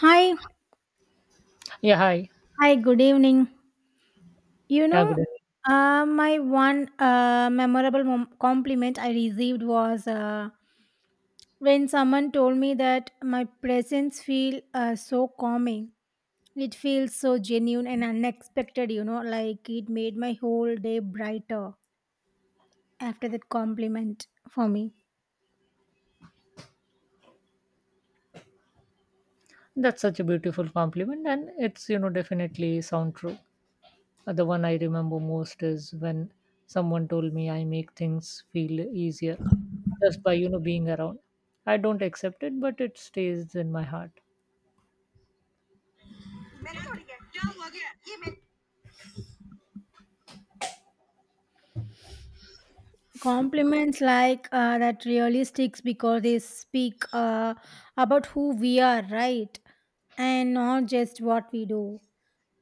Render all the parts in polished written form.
Hi, Yeah, hi. hi, good evening. You Yeah, know, good evening. My one compliment I received was when someone told me that my presence feel so calming. It feels so genuine and unexpected, you know, like it made my whole day brighter after that compliment for me. That's such a beautiful compliment, and it's you know definitely sound true. The one I remember most is when someone told me I make things feel easier just by being around. I don't accept it, but it stays in my heart. Compliments like that really sticks because they speak about who we are, right? And not just what we do.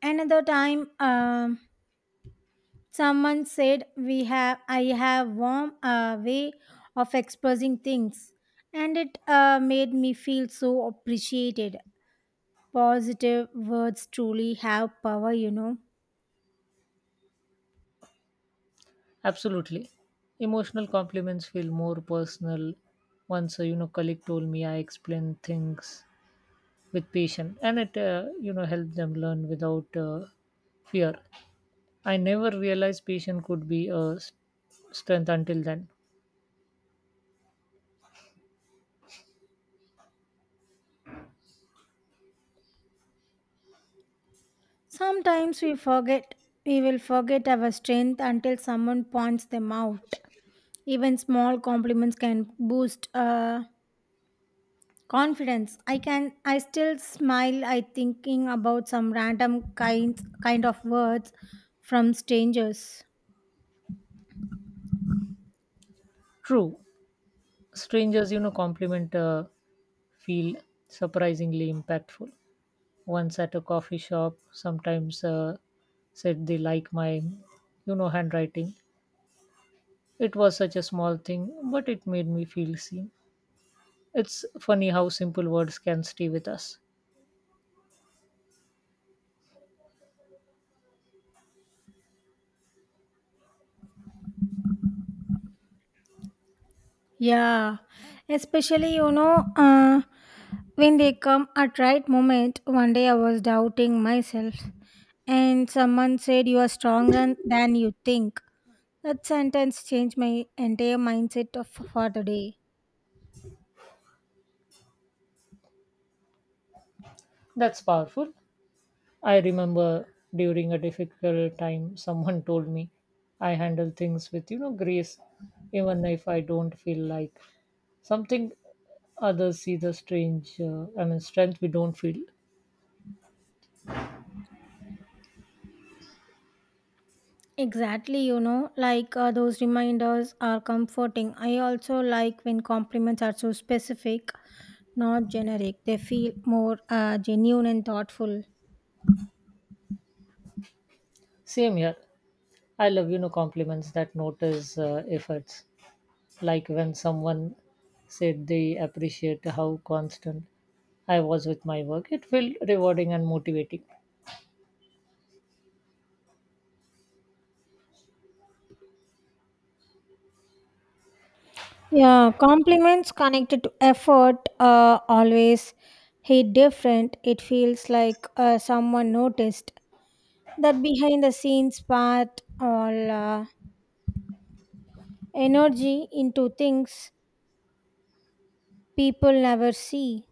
Another time, someone said, "We have, I have warm way of expressing things," and it made me feel so appreciated. Positive words truly have power, you know. Absolutely, emotional compliments feel more personal. Once a colleague told me I explain things with patience, and it helped them learn without fear. I never realized patience could be a strength until then. Sometimes we forget, we will forget our strength until someone points them out. Even small compliments can boost. Confidence. I still smile I thinking about some random kind of words from strangers. True, strangers, you know, compliment feel surprisingly impactful. Once at a coffee shop, sometimes said they like my, you know, handwriting. It was such a small thing, but it made me feel seen. It's funny how simple words can stay with us. Yeah. Especially when they come at right moment, one day I was doubting myself and someone said you are stronger than you think. That sentence changed my entire mindset of, for the day. That's powerful. I remember during a difficult time, someone told me I handle things with, you know, grace, even if I don't feel like something others see the strength we don't feel. Exactly, you know, like those reminders are comforting. I also like when compliments are so specific, not generic. They feel more genuine and thoughtful. Same here. I love, you know, compliments that notice efforts. Like when someone said they appreciate how constant I was with my work, it felt rewarding and motivating. Yeah, compliments connected to effort always hit different. It feels like someone noticed that behind the scenes part all energy into things people never see.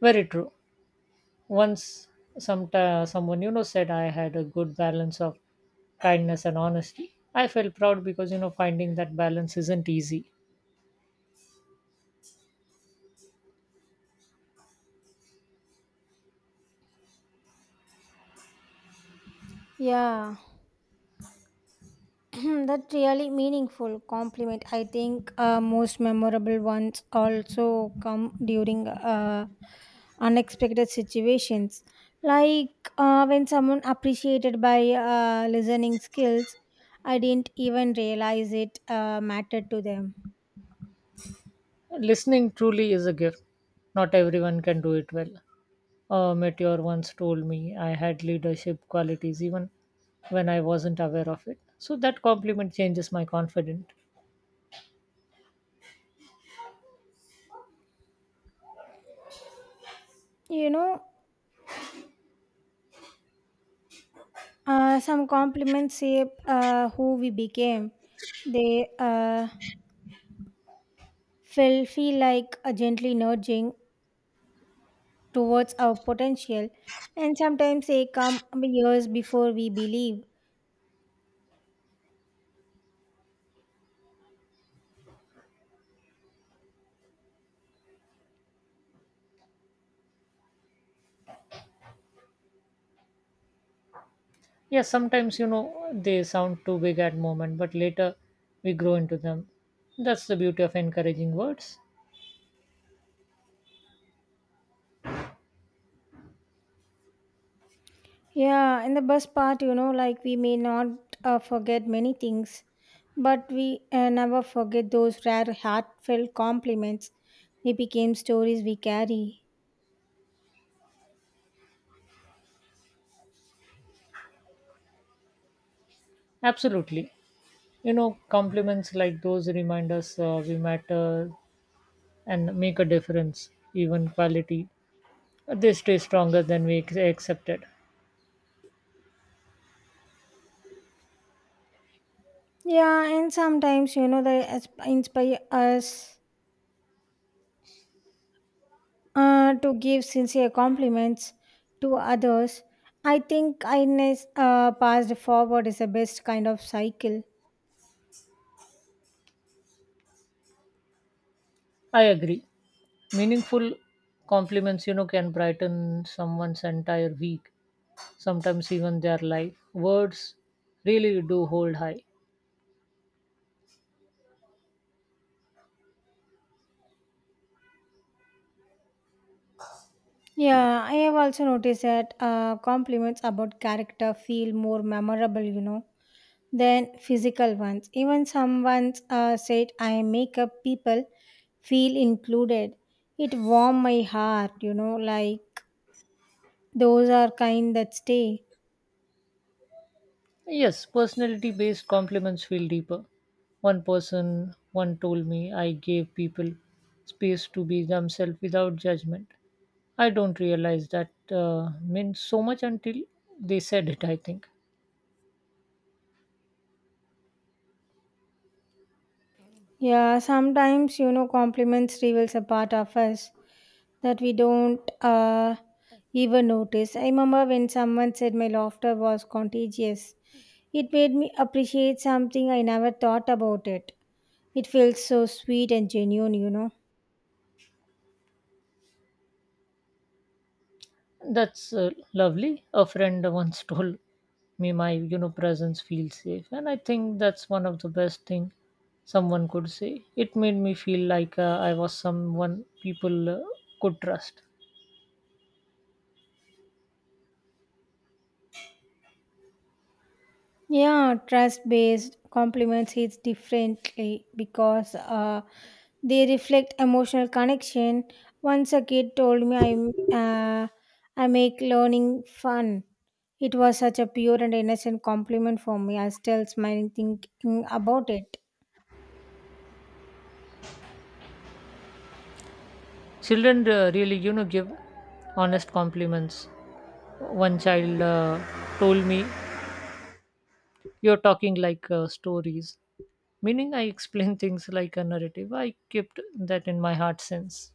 Very true. Once some someone you know said I had a good balance of kindness and honesty. I felt proud because you know finding that balance isn't easy. Yeah. That really meaningful compliment, I think most memorable ones also come during uh, unexpected situations like when someone appreciated by listening skills. I didn't even realize it mattered to them. Listening truly is a gift. Not everyone can do it well. A meteor once told me I had leadership qualities even when I wasn't aware of it. So that compliment changes my confidence. you know some compliments shape who we became. They uh, feel like a gently nudging towards our potential, and sometimes they come years before we believe. Yeah, sometimes you know they sound too big at moment, but later we grow into them. That's the beauty of encouraging words. Yeah, in the best part, you know, like we may not forget many things, but we never forget those rare, heartfelt compliments. They became stories we carry. Absolutely. You know, compliments like those remind us we matter and make a difference, even quality. They stay stronger than we accepted. Yeah, and sometimes, you know, they inspire us to give sincere compliments to others. I think kindness passed forward is the best kind of cycle. I agree. Meaningful compliments, you know, can brighten someone's entire week, sometimes even their life. Words really do hold high. Yeah, I have also noticed that compliments about character feel more memorable, you know, than physical ones. Even some ones said, I make up people feel included. It warm my heart, you know, like those are kind that stay. Yes, personality based compliments feel deeper. One told me I gave people space to be themselves without judgment. I don't realize that means so much until they said it. I think Yeah, sometimes you know compliments reveals a part of us that we don't even notice. I remember when someone said my laughter was contagious. It made me appreciate something I never thought about it. It feels so sweet and genuine, you know. that's lovely. A friend once told me my presence feels safe, and I think that's one of the best thing someone could say. It made me feel like I was someone people could trust. Yeah, trust based compliments hits differently because they reflect emotional connection. Once a kid told me I make learning fun. It was such a pure and innocent compliment for me. I still smiling thinking about it. Children really you know give honest compliments. One child told me, "You're talking like stories," meaning I explain things like a narrative. I kept that in my heart since.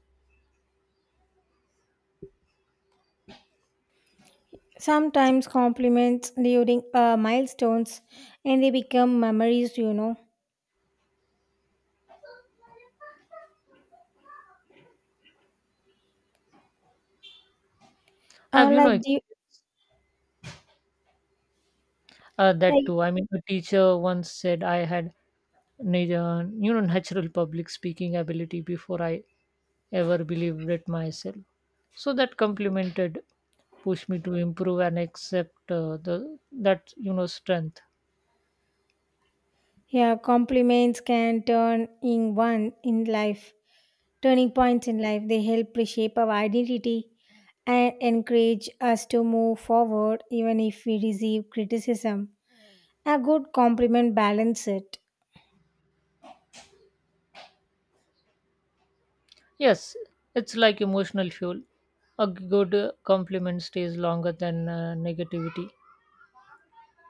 Sometimes compliments during milestones and they become memories, you know. Uh, I've, you like, know, do you, uh, that like, too. I mean, a teacher once said I had, natural public speaking ability before I ever believed it myself. So that complimented pushed me to improve and accept the that you know strength. yeah, compliments can turn in one in life, turning points in life. They help reshape our identity and encourage us to move forward even if we receive criticism. A good compliment balances it. Yes, it's like emotional fuel. A good compliment stays longer than negativity,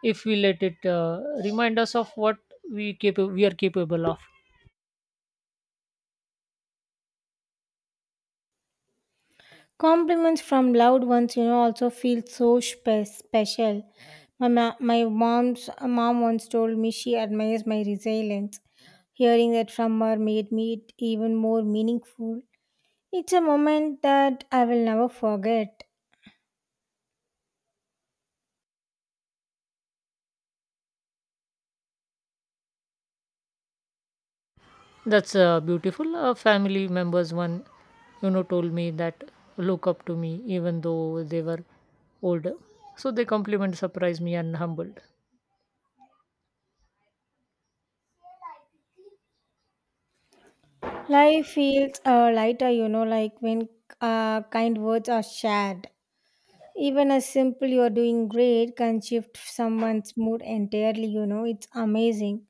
if we let it remind us of what we are capable of. Compliments from loved ones, you know, also feel so special. My mom's mom once told me she admires my resilience. Hearing that from her made me it even more meaningful. It's a moment that I will never forget. That's beautiful. Family members one you know told me that look up to me even though they were older, so they compliment surprised me and humbled. Life feels lighter, you know, like when kind words are shared. Even a simple "you're doing great" can shift someone's mood entirely, you know. It's amazing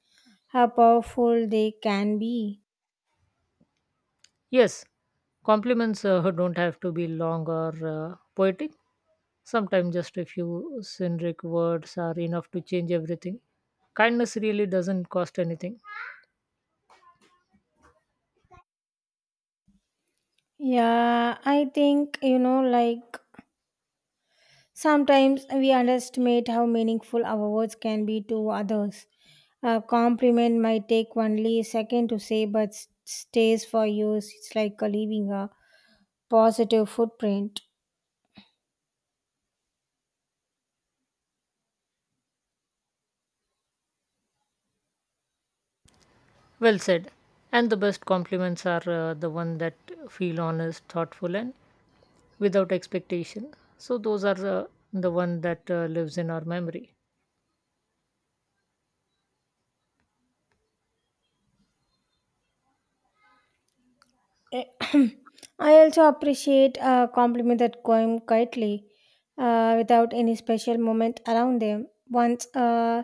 how powerful they can be. Yes, compliments don't have to be long or poetic. Sometimes just a few synric words are enough to change everything. Kindness really doesn't cost anything. Yeah, I think, you know, like sometimes we underestimate how meaningful our words can be to others. A compliment might take only a second to say, but stays for years. It's like leaving a positive footprint. Well said. And the best compliments are the one that feel honest, thoughtful, and without expectation. So those are the one that lives in our memory. Eh, I also appreciate a compliment that came quietly without any special moment around them. Once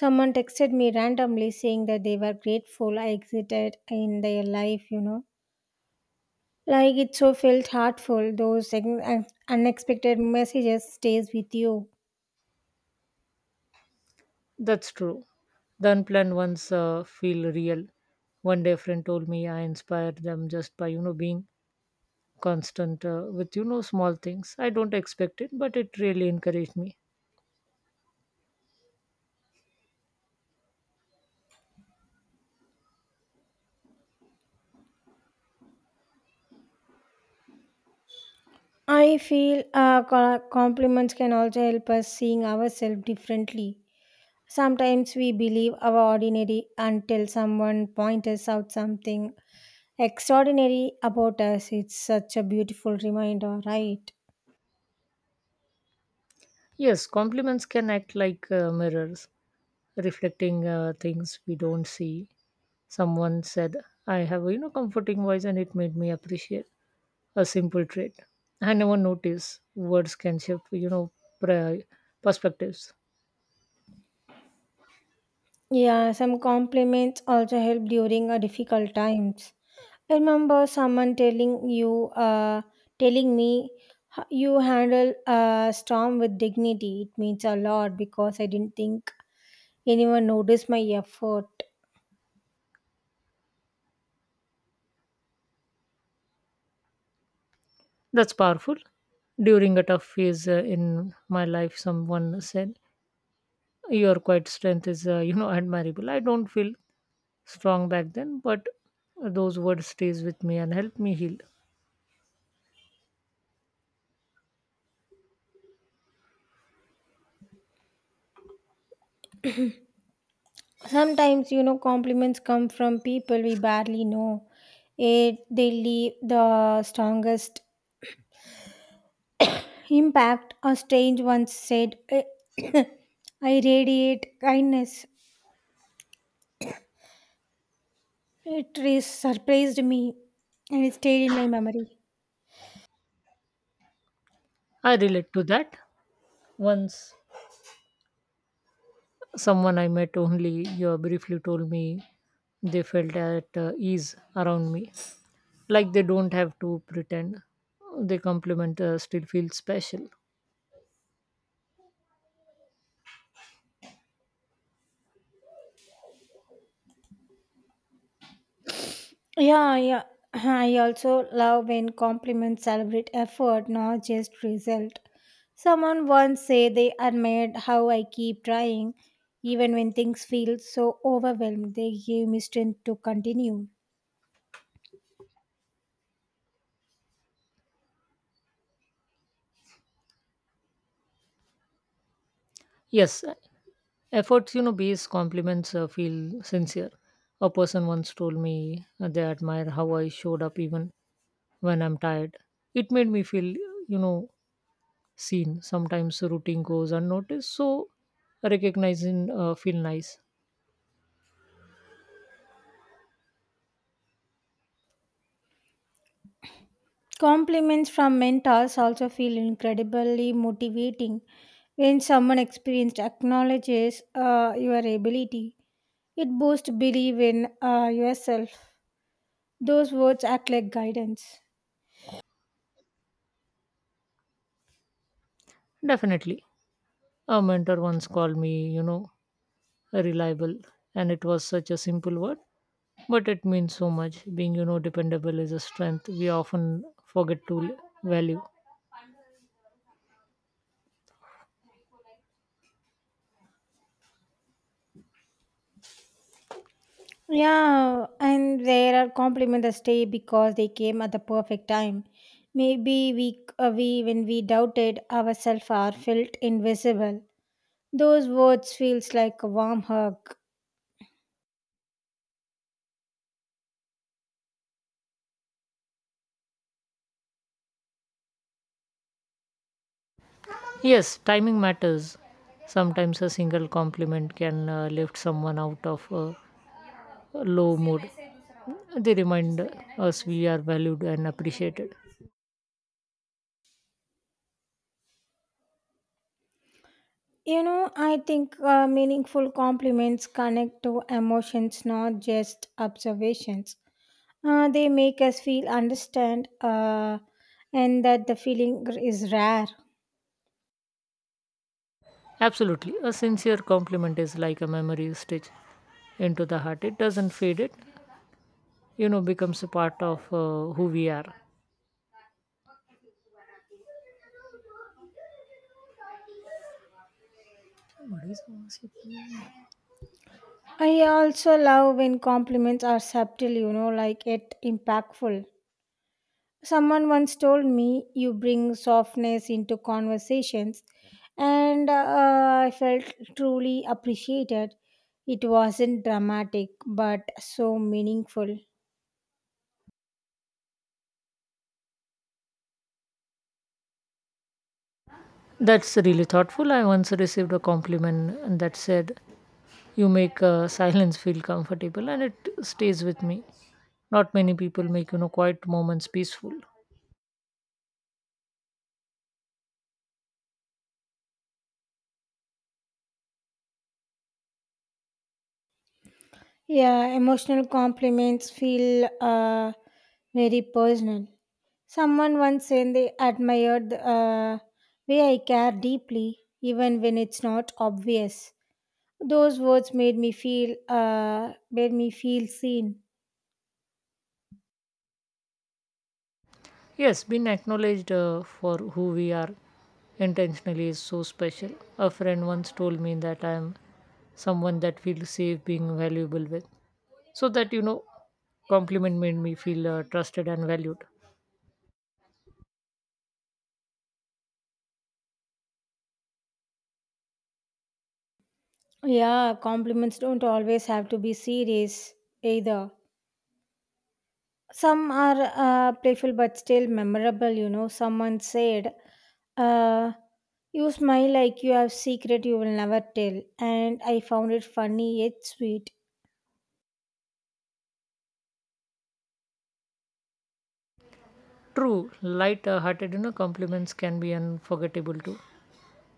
someone texted me randomly saying that they were grateful I existed in their life, you know. Like it so felt heartful. Those unexpected messages stays with you. That's true. The unplanned ones feel real. One day, a friend told me I inspired them just by you know being constant with you know small things. I don't expect it, but it really encouraged me. I feel compliments can also help us seeing ourselves differently. Sometimes we believe our ordinary until someone points us out something extraordinary about us. It's such a beautiful reminder, right? Yes, compliments can act like mirrors, reflecting things we don't see. Someone said, "I have a you know comforting voice," and it made me appreciate a simple trait. I never noticed words can shift you know pre- perspectives. Yeah, some compliments also help during a difficult times. I remember someone telling you, telling me, you handle a storm with dignity. It means a lot because I didn't think anyone noticed my effort. That's powerful. During a tough phase in my life, someone said, "Your quiet strength is you know admirable." I don't feel strong back then, but those words stays with me and help me heal. Sometimes you know compliments come from people we barely know, it they leave the strongest impact. A strange once said, I radiate kindness. It is surprised me and it stayed in my memory. I relate to that. Once someone I met only briefly told me they felt at ease around me, like they don't have to pretend. They compliment still feel special. Yeah, yeah. I also love when compliments celebrate effort, not just result. Someone once said they admired how I keep trying, even when things feel so overwhelmed. They gave me strength to continue. Yes, efforts you know based compliments feel sincere. A person once told me they admire how I showed up even when I'm tired. It made me feel you know seen. Sometimes routine goes unnoticed, so recognizing feel nice. Compliments from mentors also feel incredibly motivating. When someone experienced acknowledges your ability, it boosts belief in yourself. Those words act like guidance. Definitely. A mentor once called me, you know, reliable, and it was such a simple word, but it means so much. Being, you know, dependable is a strength we often forget to value. Yeah, and there are compliments that stay because they came at the perfect time. Maybe we when we doubted ourselves or felt invisible. Those words feels like a warm hug. Yes, timing matters. Sometimes a single compliment can lift someone out of a low mood. They remind us we are valued and appreciated. You know, I think meaningful compliments connect to emotions, not just observations. They make us feel understand, and that the feeling is rare. Absolutely. A sincere compliment is like a memory stitch into the heart. It doesn't fade it, you know becomes a part of who we are. What is gossiping? I also love when compliments are subtle, you know, like yet impactful. Someone once told me you bring softness into conversations, and I felt truly appreciated. It wasn't dramatic, but so meaningful. That's really thoughtful. I once received a compliment and that said you make silence feel comfortable, and it stays with me. Not many people make you know quiet moments peaceful. Yeah, emotional compliments feel very personal. Someone once said they admired the way I care deeply, even when it's not obvious. Those words made me feel seen. Yes, being acknowledged for who we are intentionally is so special. A friend once told me that I am someone that feels safe being valuable with, so that you know compliment made me feel trusted and valued. Yeah, compliments don't always have to be serious either. Some are playful but still memorable, you know. Someone said, uh, you smile like you have secret you will never tell. And I found it funny yet sweet. True, light hearted, you know, compliments can be unforgettable too.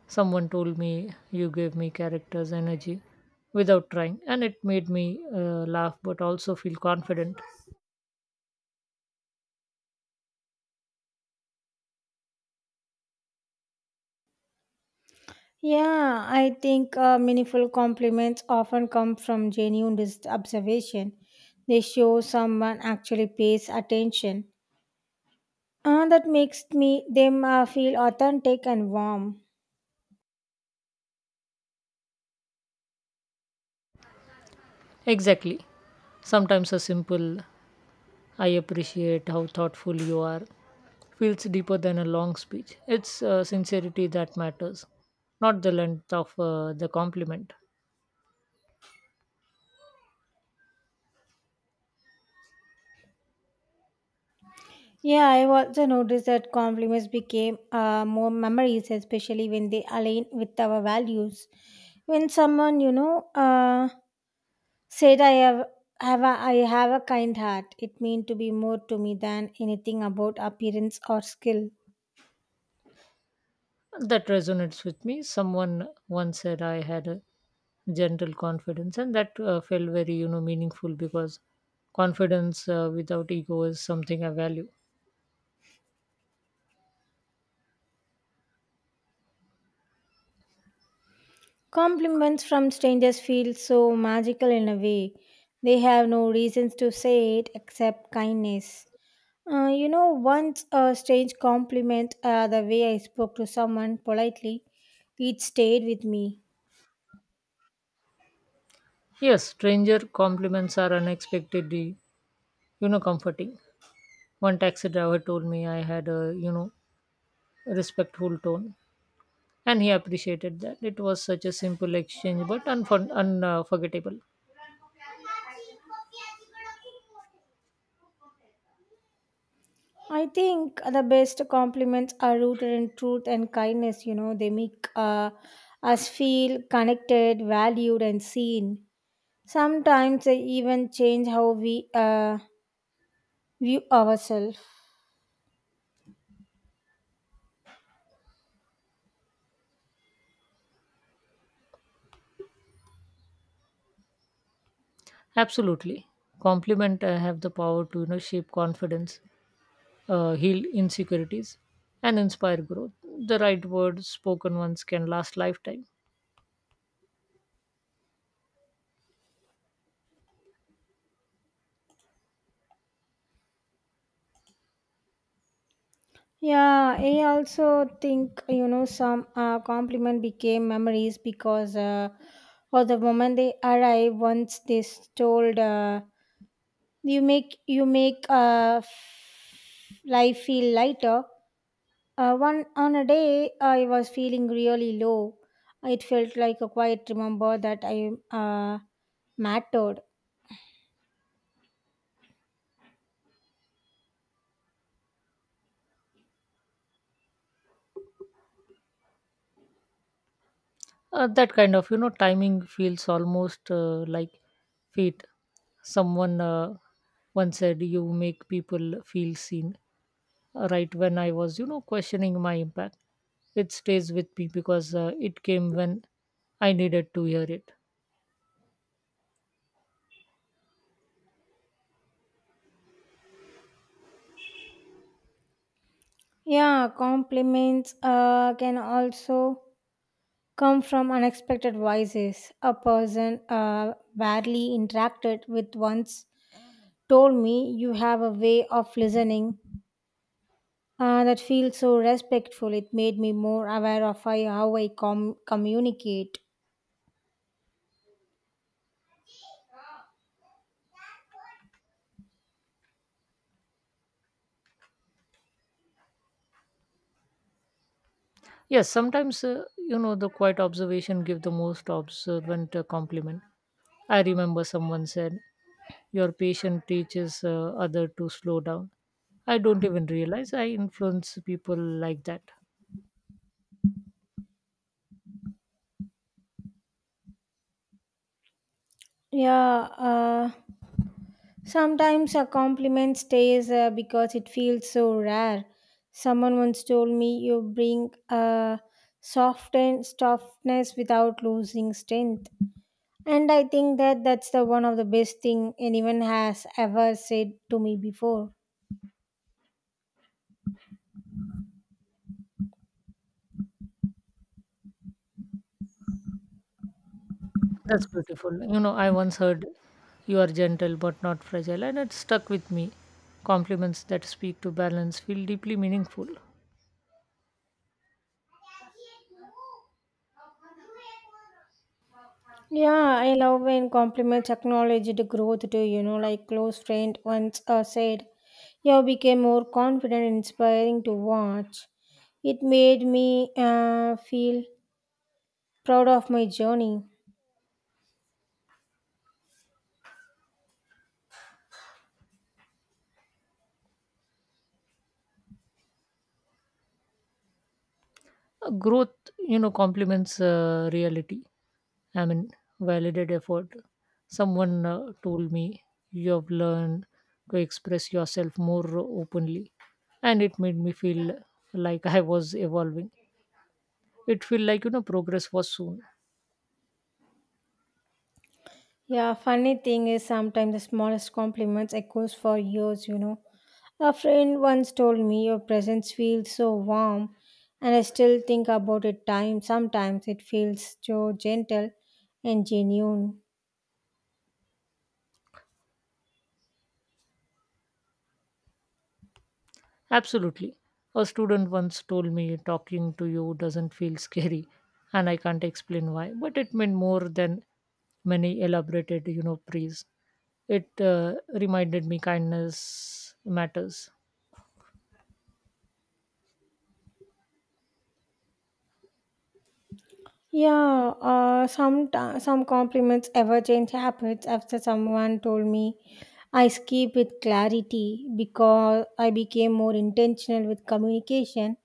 Someone told me you gave me characters energy without trying, and it made me laugh but also feel confident. Yeah, I think meaningful compliments often come from genuine observation. They show someone actually pays attention. That makes me them feel authentic and warm. Exactly. Sometimes a simple, "I appreciate how thoughtful you are," feels deeper than a long speech. It's sincerity that matters, not the length of the compliment. Yeah, I've also noticed that compliments became more memories, especially when they align with our values. When someone, said I have a kind heart, it meant to be more to me than anything about appearance or skill. That resonates with me. Someone once said I had a gentle confidence, and that felt very, you know, meaningful because confidence without ego is something I value. Compliments from strangers feel so magical in a way. They have no reasons to say it except kindness. You know, once a strange compliment, the way I spoke to someone politely, it stayed with me. Yes, stranger compliments are unexpectedly, you know, comforting. One taxi driver told me I had a, you know, respectful tone, and he appreciated that. It was such a simple exchange, but unforgettable. Forgettable. I think the best compliments are rooted in truth and kindness. You know, they make us feel connected, valued, and seen. Sometimes they even change how we view ourselves. Absolutely, compliment have the power to, you know, shape confidence, heal insecurities, and inspire growth. The right words spoken once can last lifetime. Yeah, I also think you know some compliment became memories because or the moment they arrive, once they told you make life feel lighter. One on a day I was feeling really low. It felt like a quiet remember that I mattered. That kind of you know timing feels almost like fate. Someone once said, "You make people feel seen," right when I was you know questioning my impact. It stays with me because it came when I needed to hear it. Yeah, compliments can also come from unexpected voices. A person barely interacted with once told me, you have a way of listening that feels so respectful. It made me more aware of I, how I communicate. Yes, sometimes you know the quiet observation give the most observant compliment. I remember someone said your patient teaches other to slow down. I don't even realize I influence people like that. Yeah, sometimes a compliment stays because it feels so rare. Someone once told me, you bring a soft and softness without losing strength. And I think that's the one of the best thing anyone has ever said to me before. That's beautiful. You know, I once heard you are gentle but not fragile, and it stuck with me. Compliments that speak to balance feel deeply meaningful. Yeah, I love when compliments acknowledge the growth too, you know, like close friend once said, you became more confident and inspiring to watch. It made me feel proud of my journey. Growth, you know, complements reality. I mean, validated effort. Someone told me you have learned to express yourself more openly, and it made me feel like I was evolving. It felt like you know progress was soon. Yeah, funny thing is sometimes the smallest compliments echoes for years, you know. A friend once told me your presence feels so warm and I still think about it time sometimes it feels so gentle and genuine. Absolutely. A student once told me talking to you doesn't feel scary, and I can't explain why, but it meant more than many elaborated, you know, praise. It reminded me kindness matters. Yeah, some compliments ever change habits after someone told me I skip with clarity because I became more intentional with communication.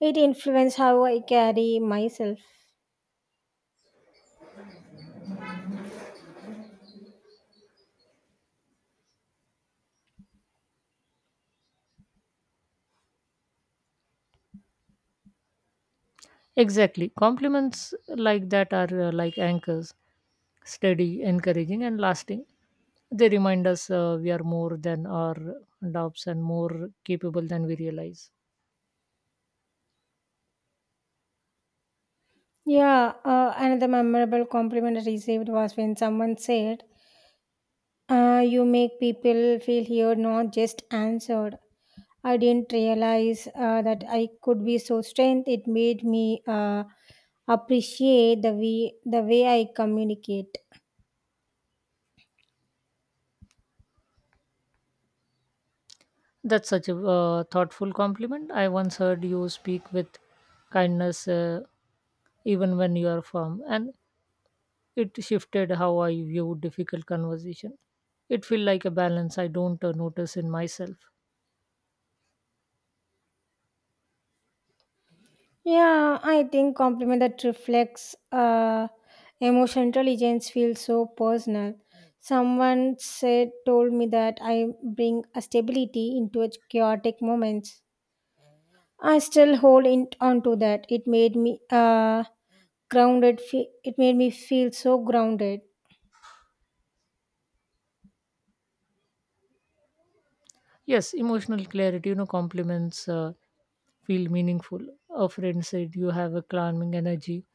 It influenced how I carry myself. Exactly. Compliments like that are like anchors, steady, encouraging, and lasting. They remind us we are more than our doubts and more capable than we realize. Yeah, another memorable compliment I received was when someone said you make people feel heard, not just answered. I didn't realize that I could be so strength. It made me appreciate the way I communicate. That's such a thoughtful compliment. I once heard you speak with kindness, even when you are firm, and it shifted how I view difficult conversation. It feel like a balance I don't notice in myself. Yeah, I think compliment that reflects emotional intelligence feels so personal. Someone said told me that I bring a stability into a chaotic moments. I still hold in, on to that. It made me. It made me feel so grounded. Yes, emotional clarity, you know, compliments feel meaningful. A friend said you have a calming energy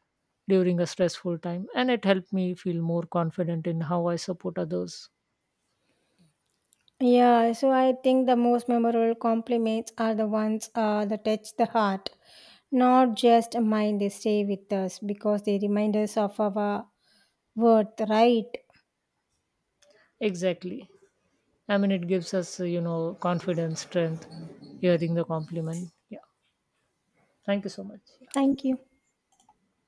during a stressful time, and it helped me feel more confident in how I support others. Yeah, so I think the most memorable compliments are the ones that touch the heart, not just mind. They stay with us because they remind us of our worth, right? Exactly. I mean, it gives us, you know, confidence, strength, hearing the compliment. Yeah. Thank you so much. Thank you.